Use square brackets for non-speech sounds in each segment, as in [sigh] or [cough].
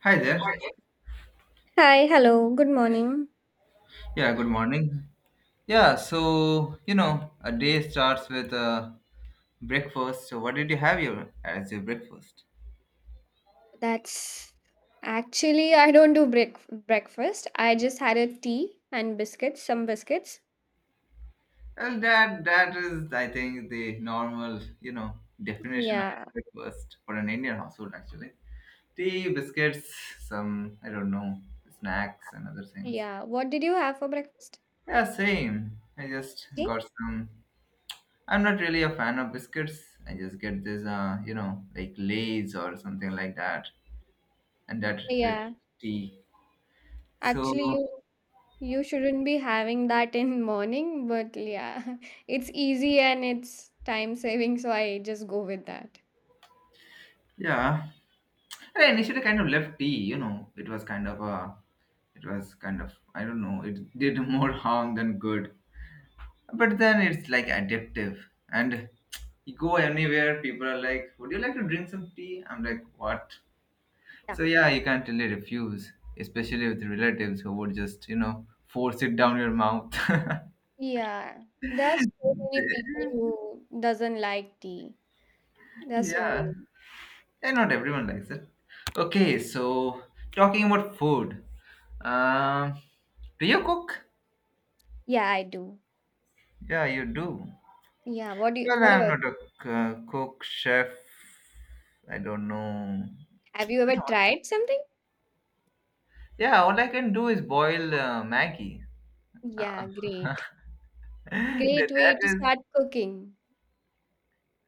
Hi there. Hi, hello, good morning. Yeah, good morning. Yeah, so, you know, a day starts with breakfast. So, what did you have your as your breakfast? That's actually, I don't do breakfast. I just had a tea and biscuits, some biscuits. Well, that is, I think, the normal, you know, definition of Yeah, breakfast for an Indian household, actually. Tea, biscuits, some, I don't know, snacks and other things. yeah. What did you have for breakfast? Yeah, same. I just Tea? got some. I'm not really a fan of biscuits. I just get this, you know, like Lay's or something like that and that with Yeah. tea. Actually, So you shouldn't be having that in morning, but yeah, [laughs] it's easy and it's time saving, so I just go with that. yeah, I initially kind of left tea. You know, it was kind of a, it was kind of I don't know. It did [laughs] more harm than good. But then it's like addictive, and you go anywhere, people are like, "Would you like to drink some tea?" I'm like, "What?" Yeah. So yeah, you can't really refuse, especially with relatives who would just you know force it down your mouth. Yeah. There are so many people [laughs] who doesn't like tea. There are so yeah. many. Yeah, not everyone likes it. Okay, so talking about food, um, do you cook? Yeah, I do. Yeah, you do. Yeah, what do you, Well, what I'm about not a you? Cook, chef. I don't know. Have you ever tried something? Yeah, all I can do is boil Maggie. Uh, Yeah, [laughs] great. Great that that way to is, start cooking.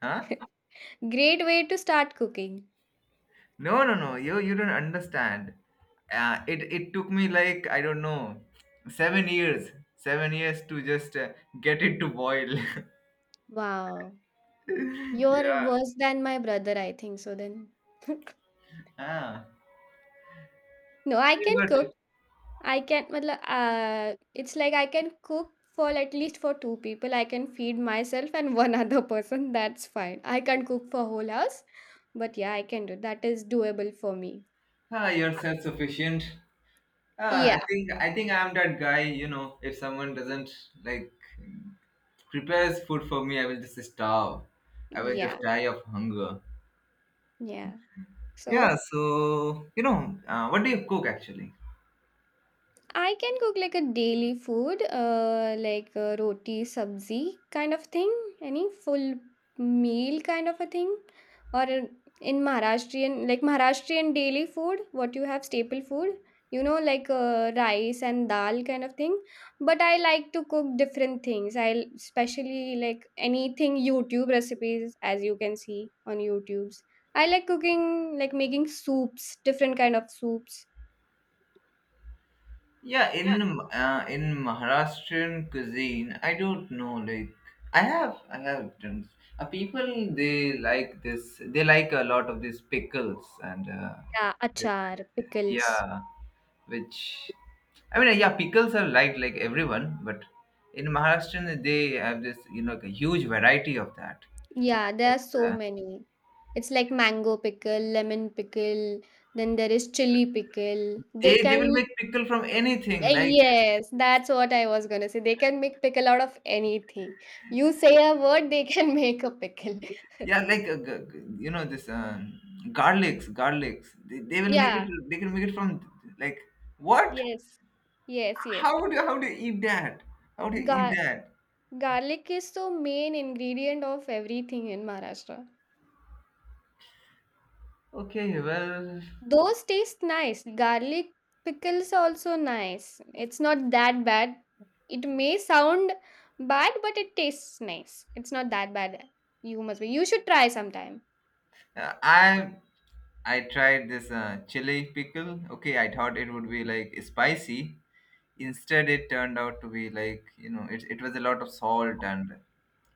Huh? Great way to start cooking. No, no, no. You don't understand. It took me like I don't know, 7 years, 7 years to just get it to boil. Wow. [laughs] You're yeah. worse than my brother, I think so then. [laughs] Ah, No, so I you can got cook. I can, matlab, it's like I can cook for at least for two people. I can feed myself and [laughs] one other person. That's fine. I can't cook for whole house, but yeah, I can do. That is doable for me. ah, you're self-sufficient. Ah, Yeah, I think I'm that guy. You know, if someone doesn't like prepares food for me, I will just starve. I will yeah, just die of hunger. yeah. Yeah. So So you know, what do you cook actually? I can cook like a daily food, like roti, sabzi kind of thing, any full meal kind of a thing, or in Maharashtrian, like Maharashtrian daily food, what you have staple food, you know, like rice and dal kind of thing. But I like to cook different things. I especially like anything YouTube recipes, as you can see on YouTube's. I like cooking, like making soups, different kind of soups. Yeah, in Maharashtrian cuisine, I don't know. Like, I have done. People they like this. They like a lot of these pickles and Yeah, this- achar, pickles. yeah, which I mean, yeah, pickles are liked like everyone, but in Maharashtra they have this you know like a huge variety of that. Yeah, there are so Like, many. It's like mango pickle, lemon pickle, then there is chili pickle. they they will make pickle from anything, like Yes, that's what I was gonna say. They can make pickle out of anything. You say a word, they can [laughs] make a pickle. yeah, like you know this garlics. They will make it. Yeah, They can make it from like what? yes, yes, yes, How yes. would you how do you eat that? How do you eat Gar that? garlic is the main ingredient of everything in Maharashtra. Okay, well, Those taste nice. Garlic pickles are also nice. It's not that bad. It may sound bad, but it tastes nice. It's not that bad. You must be. You should try sometime. uh, I I tried this chili pickle. Okay, I thought it would be like spicy. Instead, it turned out to be like, you know, it was a lot of salt and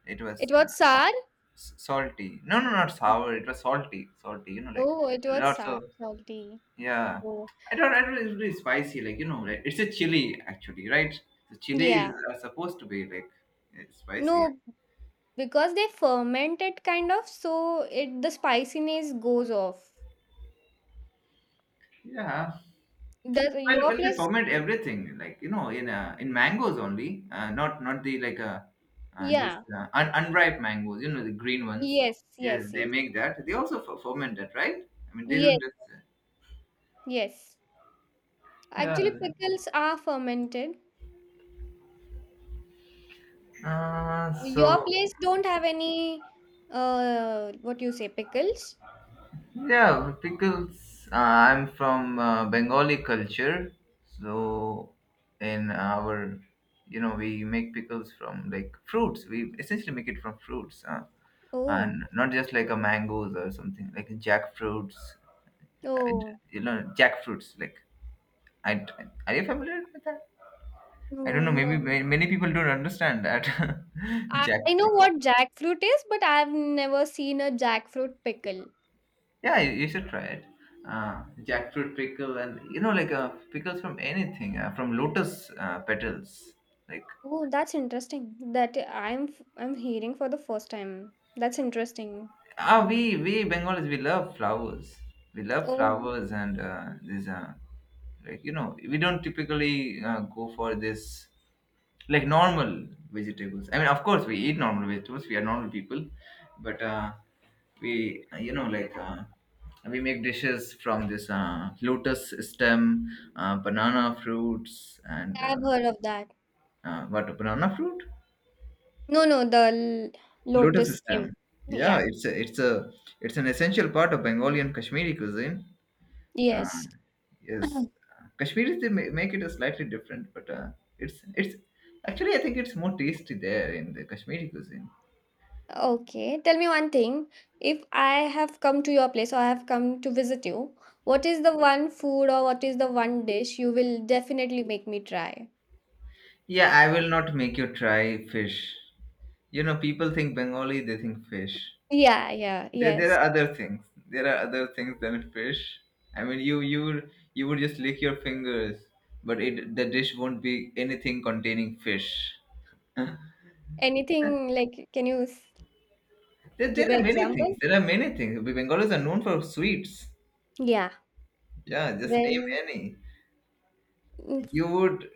it was It was sour. Salty. No, no, not sour. It was salty. You know, like Oh, it was lots sour, of salty. yeah. Oh, I don't. I don't. It's really spicy. Like you know, like, it's a chili actually, right? The chilies yeah. are supposed to be like eh, spicy. No, because they ferment it kind of, so it the spiciness goes off. Yeah. Does Well, your well, they place? ferment everything, like you know, in mangoes only, not the like Yeah. Unripe mangoes, you know, the green ones. Yes. Yes, Yes. they Yes. make that. They also ferment that, right? I mean, they don't Yes. just. Yes. Yeah. Actually, pickles are fermented. Your So place don't have any what you say pickles? yeah, pickles. I'm from Bengali culture, so in our, you know, we make pickles from like fruits. We essentially make it from fruits. And Oh, not just like a mangoes or something like jackfruits uh, oh, you know jackfruits like I, are you familiar with that? I don't no, know, maybe no. Many people don't understand that. [laughs] I know Jackfruit, what jackfruit is, but I've never seen a jackfruit pickle. yeah, you should try it. Jackfruit pickle and you know like pickles from anything, from lotus petals like. Oh, that's interesting. That I'm hearing for the first time. That's interesting. Ah, we bengalis, we love flowers. We love Oh, flowers and these like you know, we don't typically go for this like normal vegetables. I mean, of course we eat normal vegetables, we are normal people, but we you know like we make dishes from this lotus stem, banana fruits and I've heard of that. What, banana fruit, No, no, the l- lotus lotus stem, stem. yeah. Yeah. It's a, it's a it's an essential part of Bengali and Kashmiri cuisine. Uh, Yes. yes, [clears throat] Kashmiris they make it a slightly different, but it's actually I think it's more tasty there in the Kashmiri cuisine. Okay, tell me one thing. If I have come to your place or I have come to visit you, what is the one food or what is the one dish you will definitely make me try? Yeah, I will not make you try fish. You know, people think Bengali, they think fish. Yeah, yeah, There yes. are other things. There are other things than fish. I mean, you would just lick your fingers, but it the dish won't be anything containing fish. Anything like, can you There, give there are an many things. example? There are many things. Bengalis are known for sweets. Yeah. Yeah, just name Well, any. mm, You would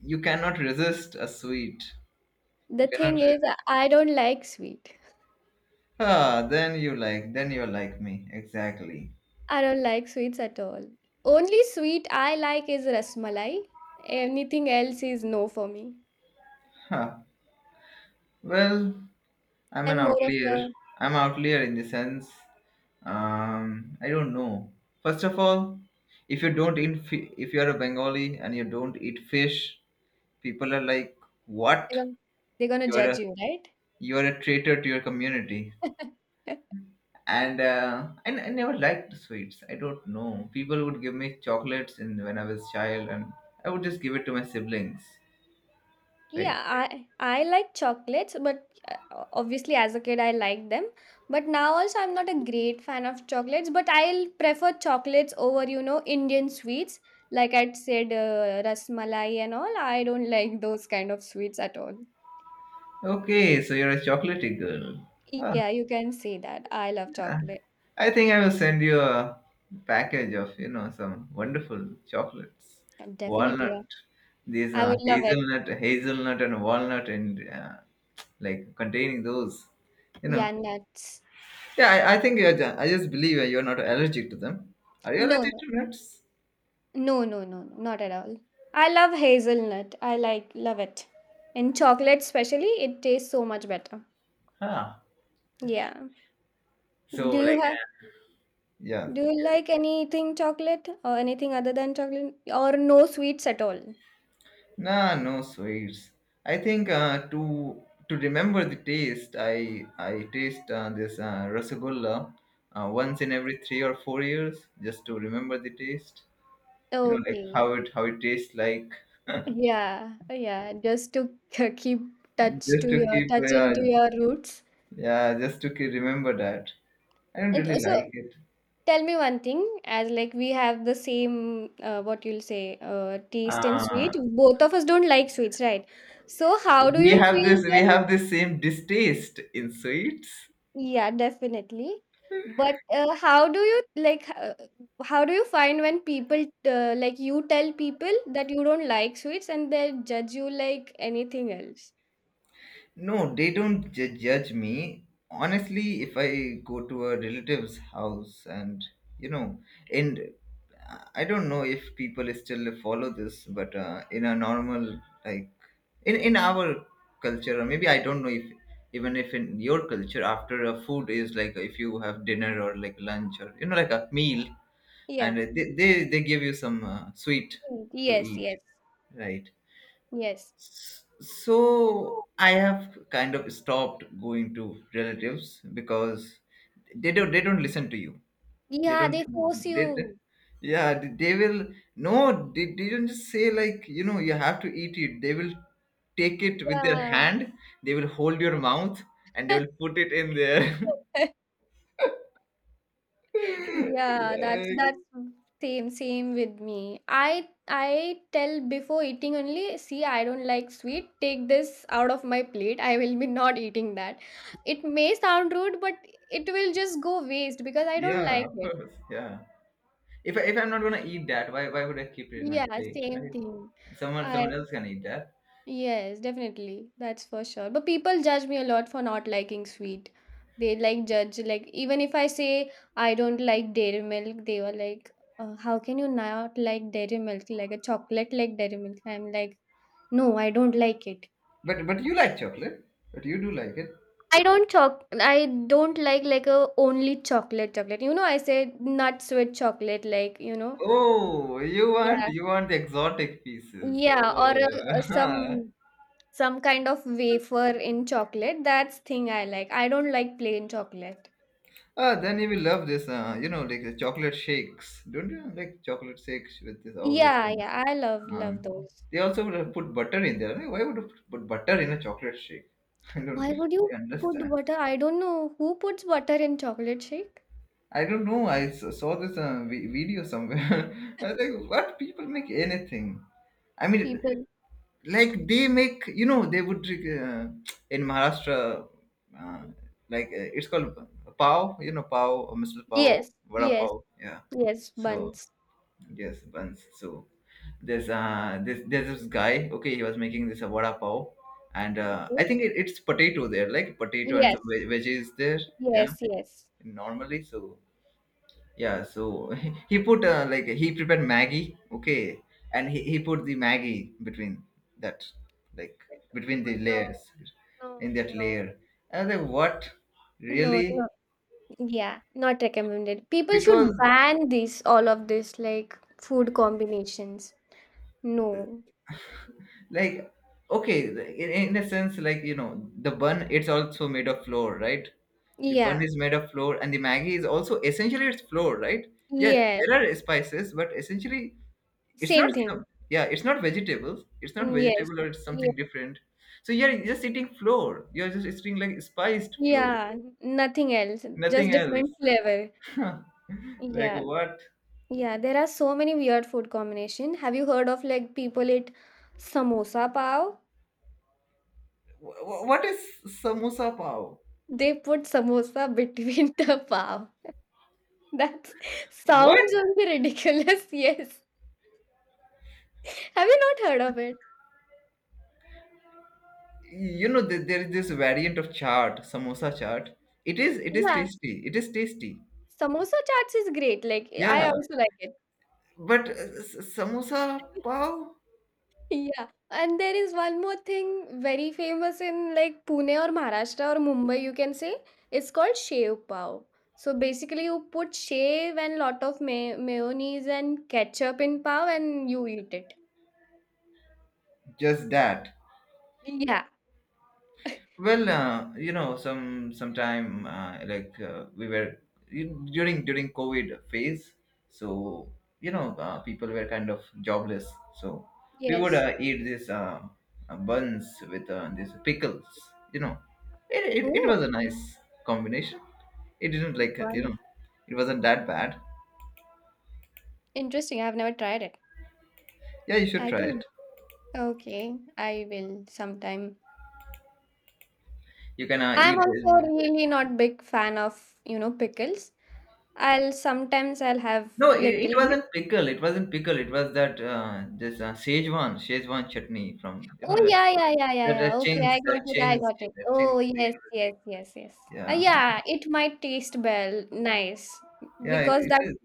you cannot resist a sweet, the you cannot thing is, resist. I don't like sweet. Ah, then you like, then you're like me exactly. I don't like sweets at all. Only sweet I like is rasmalai. Anything else is no for me. Huh. Well, I'm an I'm more of outlier. a, I'm outlier in the sense, I don't know. First of all, if you don't eat if you're a Bengali and you don't eat fish, people are like what? they're gonna they're gonna you're a judge you, right? you're a traitor to your community. And I never liked sweets. I don't know, people would give me chocolates in when I was child, and I would just give it to my siblings like. Yeah, I like chocolates, but obviously as a kid I liked them. But now also I'm not a great fan of chocolates, but I'll prefer chocolates over, Indian sweets. Like I'd said, rasmalai and all. I don't [laughs] like those kind of sweets at all. Okay, so you're a chocolatey girl. Huh, Yeah, you can say that. I love yeah. chocolate. I think I will send you a package of you know some wonderful chocolates, Definitely. walnut, Yeah. these I are would love it. hazelnut, hazelnut and walnut and like containing those, you know. Yeah, nuts. Yeah, I think I just believe you're not allergic to them. Are you No, allergic to no. nuts? No, no, no, no, not at all. I love hazelnut. I like love it. In chocolate especially, it tastes so much better. Huh. Yeah. So Do you like have yeah, do you yeah. like anything chocolate or anything other than chocolate or no sweets at all? Nah, no sweets. I think to remember the taste, I taste this rasagulla, once in every 3 or 4 years, just to remember the taste. You know, like Okay. How it tastes like, Yeah. Yeah, just to [laughs] keep touch just to to your keep touch into yeah, your roots. yeah, just to keep, remember that. I don't And really so like it. tell me one thing, as like we have the same, what you'll say, taste in Uh, sweet. Both of us don't like sweets, right? So how do we you have this, feel we when? have this same distaste in sweets. Yeah, definitely. But how do you like? How do you find when people like you tell people that you don't like sweets and they judge you like anything else? No, they don't judge me. Honestly, if I go to a relative's house and, you know, and I don't know if people still follow this, but in a normal, like, in our culture, or maybe I don't know if, even if in your culture, after a food is like if you have dinner or like lunch or, you know, like a meal, and Yeah. they give you some sweet Mm. to Yes. eat, Yes. right? Yes. So I have kind of stopped going to relatives because they don't listen to you. They Yeah, don't they force they- you. yeah, they will no, they, they don't just say like you know you have to eat it. They will take it with their Yeah. hand. They will hold your mouth and they will put it in there. [laughs] [laughs] Yeah, that's Like, that's same with me. I tell before eating only, see, I don't like sweet. Take this out of my plate. I will be not eating that. It may sound rude, but it will just go waste because I don't yeah, like of it. course, yeah. If I, if I'm not gonna eat that, why would I keep it in my Yeah, plate, right? same thing. Someone I someone else can eat that. Yes, definitely. That's for sure. But people judge me a lot for not liking sweet. They like judge like even if I say I don't like dairy milk, they were like, "How can you not like dairy milk? Like a chocolate like dairy milk?" I'm like, "No, I don't like it." But you like chocolate. But you do like it. I don't choc. I don't like a only chocolate chocolate. You know, I say nuts with chocolate, like, Oh, you want yeah, you want the exotic pieces. yeah, or a Oh, [laughs] some kind of wafer in chocolate, that's thing I like. I don't like plain chocolate. ah, then you will love this. You know, like the chocolate shakes. Don't you like chocolate shakes with this all this? Yeah, yeah, I love um, those. they also would have put butter in there, right? Why would have put butter in a chocolate shake? [laughs] I don't Why would really you put understand. butter? I don't know who puts butter in chocolate shake. I don't know. I saw this video somewhere. [laughs] I was like, what, people make anything? I mean, People. like they make you know they would in Maharashtra, uh, like it's called pav, you know, pav or Mr. Pav, Yes, vada yes, pav, yeah. yes, So buns. yes, buns. So there's this guy, okay, he was making this a vada pav, and I Okay. think it's potato there like potato and some Yes, veggies there, yeah, yes, yes. normally. So yeah, so [laughs] he put like he prepared Maggie, okay, and he put the Maggie between that, like between the No, layers, in no, that no. layer. And I was like, what? No, Really? no. Yeah, not recommended. People Because should ban this, all of this, like food combinations. No. like okay, in a sense, like you know, the bun, it's also made of flour, right? The bun Yeah. is made of flour, and the Maggie is also essentially it's flour, right? Yeah, Yes. there are spices, but essentially it's not Same some, thing. yeah, it's not vegetables. It's not Mm, yes. vegetable or it's Ye something different. So yeah, you're just eating flour. You're just eating like spiced flour, yeah, nothing else, just nothing else. different flavor. [laughs] Like Yeah, what? yeah, there are so many weird food combination. Have you heard of like people eat samosa pav? What is samosa pav? They put samosa between [laughs] the pav. That What? sounds only ridiculous. [laughs] Yes. Have you not heard of it? You know, there is this variant of chaat, samosa chaat. It is Yeah, tasty. It is tasty. samosa chaats is great. Like Yeah, I also like it. but samosa pav, Yeah, and there is one more thing very famous in like Pune or Maharashtra or Mumbai, you can say. It's called shev pav. So basically, you put shev and lot of mayonnaise and ketchup in pav, and you eat it. just that. Yeah. Well, you know, some sometime like we were during COVID phase, so you know people were kind of jobless, so we would Yes. Eat this buns with these pickles. You know, it it was a Oh, nice combination. It didn't like you wow. know, it wasn't that bad. Interesting. I've never tried it. Yeah, you should I try think. it. Okay, I will sometime. You can I'm eat it. also really not big fan of, pickles. I'll sometimes I'll have No, it little bit. wasn't pickle. It wasn't pickle. It was that this Szechuan chutney from Oh, That, yeah, yeah, yeah, yeah, that yeah. Okay, changed. I got That it. I changed. got it. That Oh, changed yes, secret. yes, yes, yes. Yeah. Yeah, it might taste well, nice, Yeah. It, because it that is.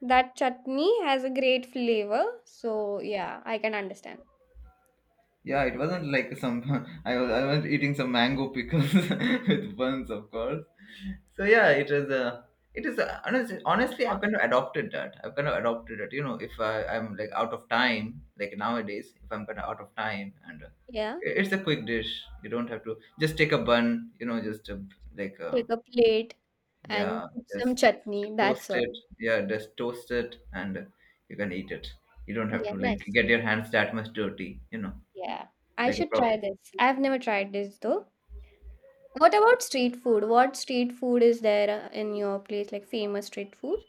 that chutney has a great flavor. So yeah, I can understand. Yeah. It wasn't like some. [laughs] I was eating some mango pickles [laughs] with buns, of course. So yeah, it was a. It is a, honestly, I've kind of adopted that. I've kind of adopted it. You know, if I, I'm like out of time, like nowadays, if I'm kind of out of time, and Yeah, it's a quick dish. You don't have to just take a bun. You know, just like take a plate and yeah, put some just chutney. That's toast all. it. Yeah, just toast it and you can eat it. You don't have Yeah, to like nice. get your hands that much dirty, Yeah, I like a should prop. try this. I've never tried this though. What about street food? What street food is there in your place, like famous street food?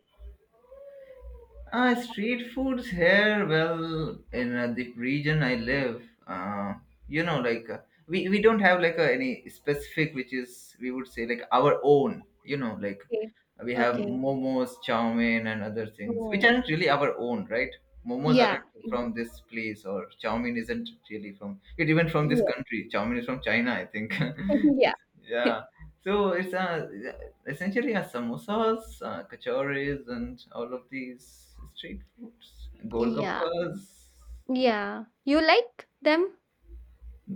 Street foods here, well, in the region I live, you know, like uh, we don't have like any specific, which is, we would say like our own, Okay. we have Okay. momos, chow mein, and other things which Oh. aren't really our own, right? Momos Yeah. aren't from this place, or chow mein isn't really from it. Even from this Yeah. country, chow mein is from China, I think. [laughs] Yeah. [laughs] yeah. So it's essentially a samosas, kachoris, and all of these street foods, Yeah. golgappas, Yeah. You like them?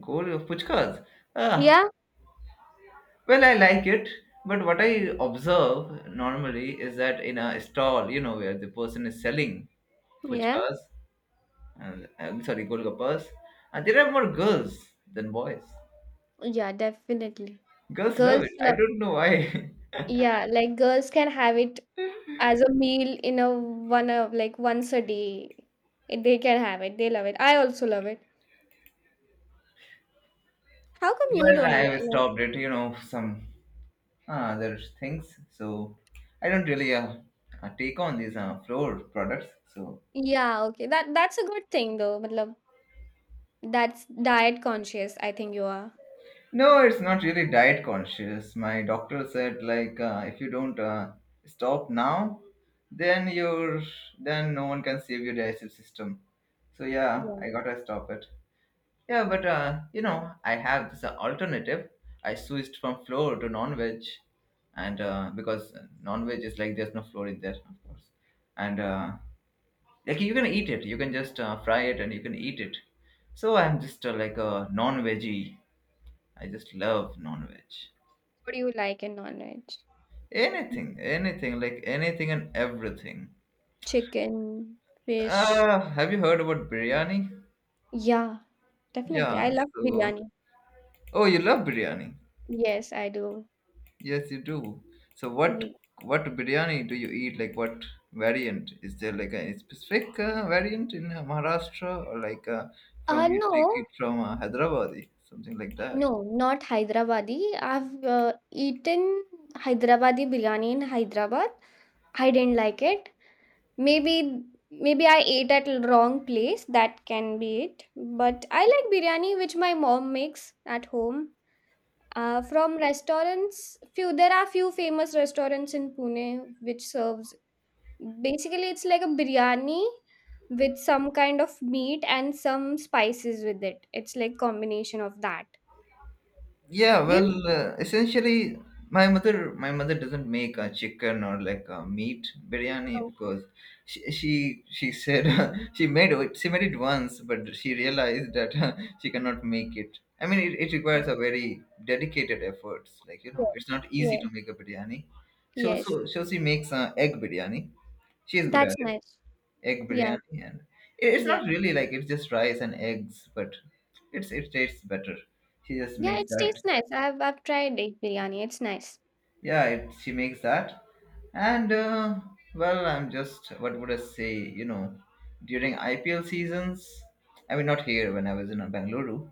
gol puchkas. Ah, Yeah. well, I like it, but what I observe normally is that in a stall, you know, where the person is selling Yeah. fuchkas, and I'm sorry, golgappas, and there are more girls than boys. Yeah, definitely. Girls love it. Girls I love, don't know why. yeah, like girls can have it as a meal in a one of like once a day. They can have it. They love it. I also love it. How come [laughs] you well, don't I like, have like stopped it, some other things. So I don't really take on these floor products. So yeah, okay. That's a good thing though. Matlab, that's diet conscious, I think you are. no, it's not really diet conscious. My doctor said like if you don't stop now, then you're then no one can save your digestive system. So yeah, Yeah. I gotta stop it. Yeah, but you know I have this alternative. I switched from flour to non-veg, and because non-veg is like there's no flour in there, of course, and like you can eat it. You can just fry it and you can eat it. So I'm just like a non-veggie. I just love non-veg. What do you like in non-veg? Anything, anything, like anything and everything. Chicken, fish. Have you heard about biryani? Yeah, definitely. I Yeah, love so biryani. oh, you love biryani. Yes, I do. Yes, you do. So what Mm. what biryani do you eat? Like what variant? Is there like a specific variant in Maharashtra or like from you No, take it from Hyderabad, something like that? no, not Hyderabadi. I've eaten Hyderabadi biryani in Hyderabad. I didn't like it. Maybe maybe I ate at wrong place. That can be it. But I like biryani which my mom makes at home. From restaurants, few there are few famous restaurants in Pune which serves. Basically, it's like a biryani with some kind of meat and some spices with it. It's like combination of that. Yeah, well, You essentially, my mother doesn't make a chicken or like a meat biryani because she said [laughs] she made it once, but she realized that [laughs] she cannot make it. I mean, it requires Okay. a very dedicated efforts. Like you know, Yes. it's not easy to Yes. make a biryani. So Yes. so so she makes egg biryani. She is good at That's it. nice. Egg Yeah. biryani, and it's Yeah. not really like it's just rice and eggs, but it tastes better. She just Yeah, makes it that. tastes nice. I've tried egg biryani. It's nice. Yeah, she makes that and well, I'm just, what would I say, during IPL seasons, I mean not here, when I was in Bangalore.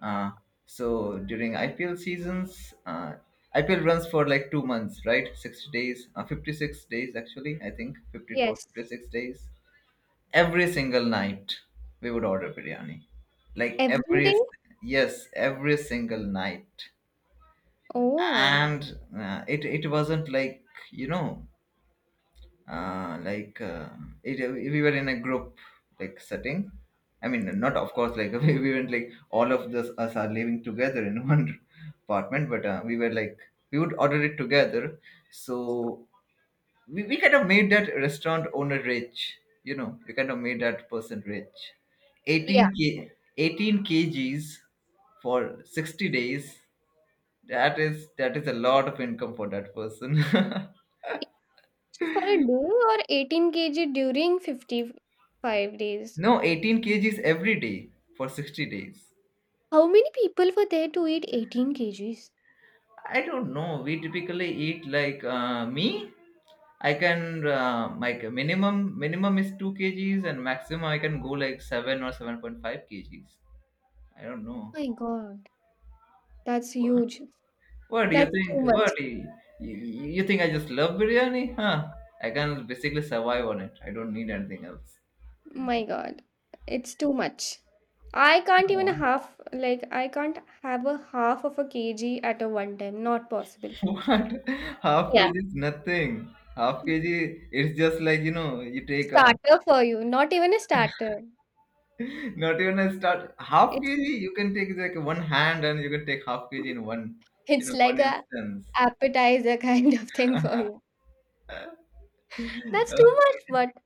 Uh, so during IPL seasons, IPL runs for like 2 months, right? 60 days, 56 days, actually. I think 52 or Yes. 56 days. Every single night we would order biryani, like Every every. day? Yes, every single night. Oh. And it wasn't like, you know, like, it we were in a group like setting. I mean, not of course like, [laughs] we weren't like all of this us are living together in [laughs] one apartment, but we were like, we would order it together. So we kind of made that restaurant owner rich. You know, we kind of made that person rich. Yeah. 18 k. 18 kgs for 60 days. That is a lot of income for that person. [laughs] For a day or 18 kg during 55 days. No, 18 kgs every day for 60 days. How many people were there to eat 18 kgs? I don't know. We typically eat like me. I can like minimum is 2 kgs, and maximum I can go like 7 or 7.5 kgs. I don't know. My God. That's huge. What do you That's too think? What much. do you, you, you think? I just love biryani, huh? I can basically survive on it. I don't need anything else. My God. It's too much. I can't even No. half, like, I can't have a half of a kg at a one time. Not possible. What? [laughs] Half Yeah. kg is nothing. Half kg, it's just like, you know, you take Starter for you, not even a starter. [laughs] not even a start. Half It's kg, you can take like one hand and you can take half kg in one, you it's know, one like a instance. appetizer [laughs] kind of thing for you. [laughs] That's okay, too much, but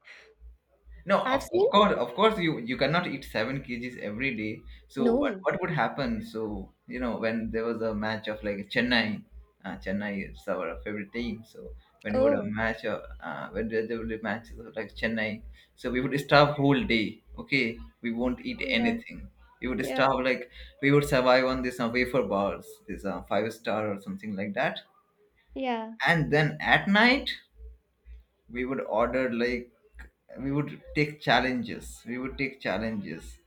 no, of, I've seen of course, of course, you cannot eat 7 kgs every day. So what no. what would happen? So you know when there was a match of like Chennai, Chennai is our favorite team. So when would a Oh, match of, when there would be matches of like Chennai, so we would starve whole day. Okay, we won't eat yeah, anything. We would yeah, starve like, we would survive on this wafer bars, this five star or something like that. yeah. And then at night we would order like, we would take challenges.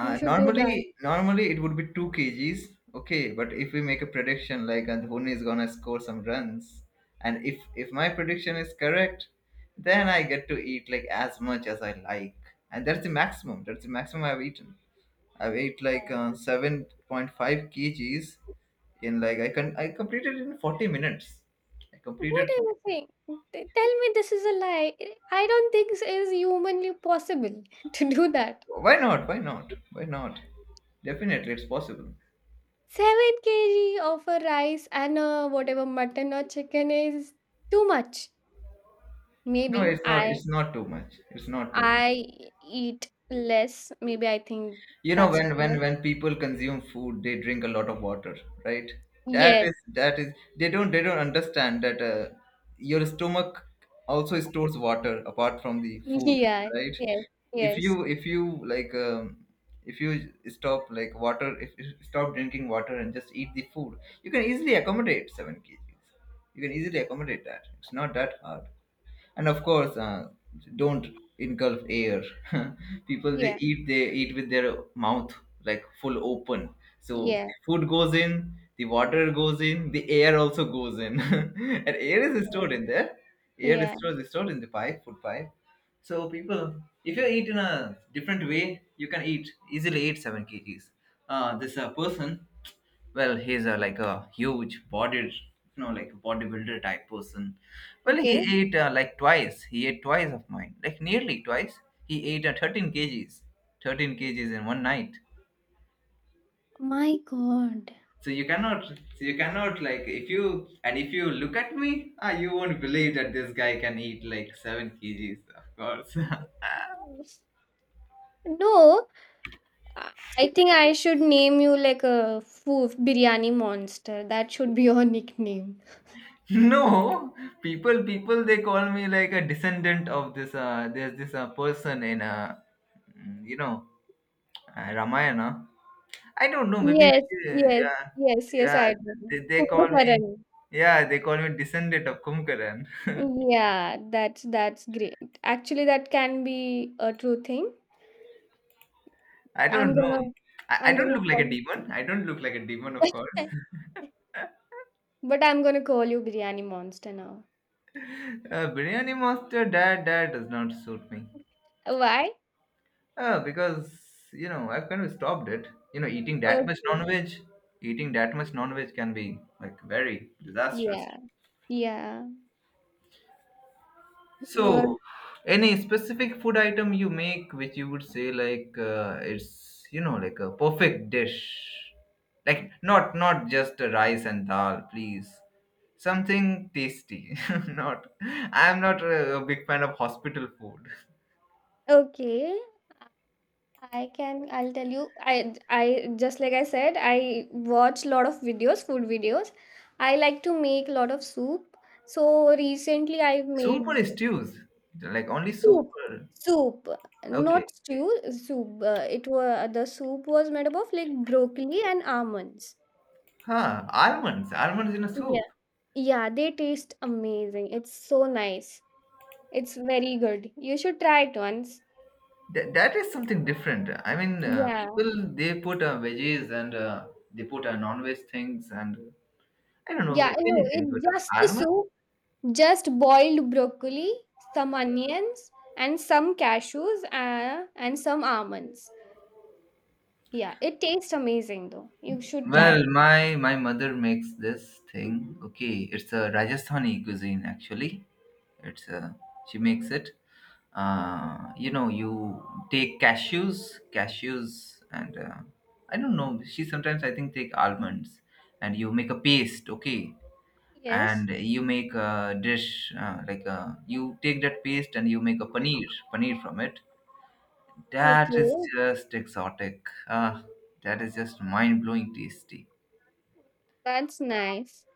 You should do that. normally normally it would be 2 kgs, okay, but if we make a prediction like Anthony is gonna score some runs, and if my prediction is correct, then I get to eat like as much as I like. And that's the maximum I've eaten. I've ate like 7.5 kgs. In like I completed in 40 minutes. I What are completed. you saying? Tell me this is a lie. I don't think it is humanly possible [laughs] to do that. Why not? Why not? Why not? Definitely, it's possible. 7 kg of a rice and a whatever mutton or chicken is too much. No, Maybe it's not. I It's not too much. It's not too much. I eat less. Maybe I think You know, that's too when when much. when people consume food, they drink a lot of water, right? Yes. That is they don't understand that, your stomach also stores water apart from the [laughs] food, Yeah. right? Yes. If Yes. you, like, if you stop like water if you stop drinking water and just eat the food, you can easily accommodate 7 kgs. You can easily accommodate that. It's not that hard. And of course, don't engulf air. [laughs] people, they Yeah. eat they eat with their mouth like full open, so Yeah. food goes in, the water goes in, the air also goes in [laughs] and air is Okay. stored in there. air is Yeah. stored, is stored in the pipe food pipe. So people, if you eat in a different way, you can eat easily eat 7 kgs. This person, well, like a huge body, you know, like bodybuilder type person. Well, Okay. he ate like twice. He ate twice of mine, like nearly twice. He ate 13 kgs, 13 kgs in one night. My God. So you cannot, so you cannot, like, if you look at me, ah, you won't believe that this guy can eat like 7 kgs. Of course, No. I I think I should name you like a food biryani monster. That should be your [laughs] nickname. [laughs] no, people they call me like a descendant of this. There's this person in, mm, you know, Ramayana. I don't know. Maybe we Yes, should, yes, yeah, yes, yes, yeah. I do. They call me, Kumbhakarani. yeah, they call me descendant of Kumkaran. [laughs] Yeah, that's great. Actually, that can be a true thing. I I'm don't know. gonna I I'm don't gonna look like a call demon. I don't look like a demon, of [laughs] course. but I'm gonna call you biryani monster now. [laughs] Biryani monster, that does not suit me. Why? Because you know I've kind of stopped it. You know, Okay. Eating that much non-veg can be like very disastrous. Yeah. Yeah. You're So, any specific food item you make which you would say like, it's, you know, like a perfect dish, like not just a rice and dal, please. Something tasty. [laughs] not, I'm not a big fan of hospital food. okay. I can, I'll tell you, I just like I said, I watch lot of videos, food videos. I like to make lot of soup. So recently I Soup made or stews? Like only soup? soup, Or. soup, Okay. not stew, soup. It was the soup was made up of like broccoli and almonds. Huh? Almonds. Almonds in a Yeah. soup. Yeah, they taste amazing. It's so nice. It's very good. You should try it once. That is something different. I mean, Yeah. people they put veggies and they put non-veg things and I don't know, Yeah, I know. many things, but It's just a almond. soup. Just boiled broccoli, some onions, and some cashews and some almonds. Yeah, it tastes amazing though. You should try Well, it. my mother makes this thing. Okay, it's a Rajasthani cuisine actually. It's a. She makes it. You know, you take cashews, and I don't know, she sometimes I think take almonds, and you make a paste. Okay, and Yes. you make a dish, like you take that paste and you make a paneer, from it. That is Okay. just exotic. Ah, that is just mind-blowing tasty. That's nice.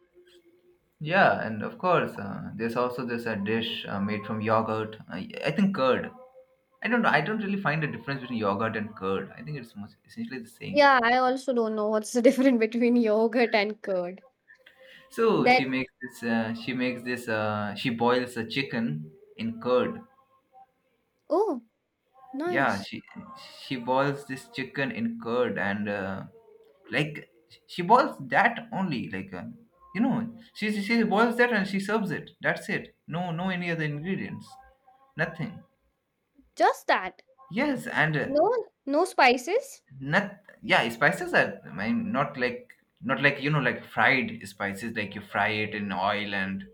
Yeah, and of course, there's also this dish made from yogurt. I think curd. I don't know. I don't really find a difference between yogurt and curd. I think it's essentially the same. Yeah, I also don't know what's the [laughs] difference between yogurt and curd. So That she makes this. She makes this. She boils a chicken in curd. Oh, Yeah, nice. she boils this chicken in curd, and like, she boils that only like, you know, she boils that and she serves it. That's it. No, no any other ingredients, nothing. Just that. Yes, and No, no spices. not, yeah, spices are, I mean, not like, you know, like fried spices, like you fry it in oil, and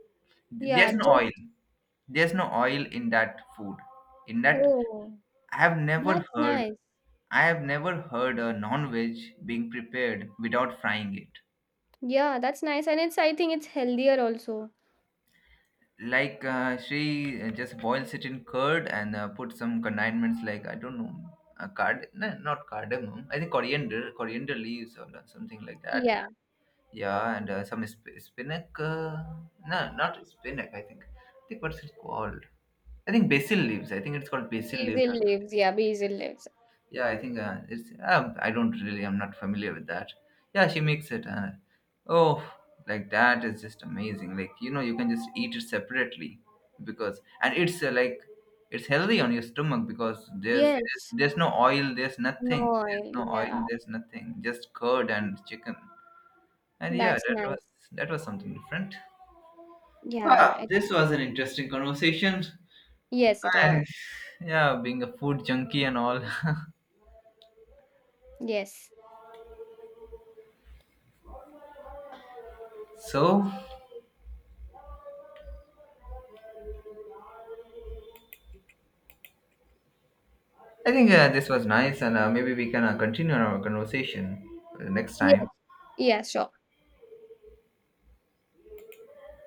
Yeah, there's no oil, just there's no oil in that food, in that. oh, i have never that's heard nice. I have never heard a non-veg being prepared without frying it. Yeah, that's nice and it's I think it's healthier also. Like, she just boils it in curd, and put some condiments, like I don't know, a card, no, not cardamom, I think Coriander leaves or something like that. Yeah, Yeah, and some spinach. No, not spinach, I think. I think, what's it called? I think basil leaves. I think it's called basil leaves basil or something. leaves. Yeah, basil leaves. Yeah, I think it's. I don't really. I'm not familiar with that. Yeah, she makes it. Oh, like that is just amazing. Like, you know, you can just eat it separately because, and it's like, it's healthy on your stomach because there's Yes. there's no oil, there's nothing, No, there's no oil, yeah, there's nothing, just curd and chicken. And yeah, that's nice. that was something different. Yeah, Ah, it this was an interesting conversation. yes, it I, was. yeah, being a food junkie and all. Yes. [laughs] so I think this was nice, and maybe we can continue our conversation next Yes. time. Yeah, sure.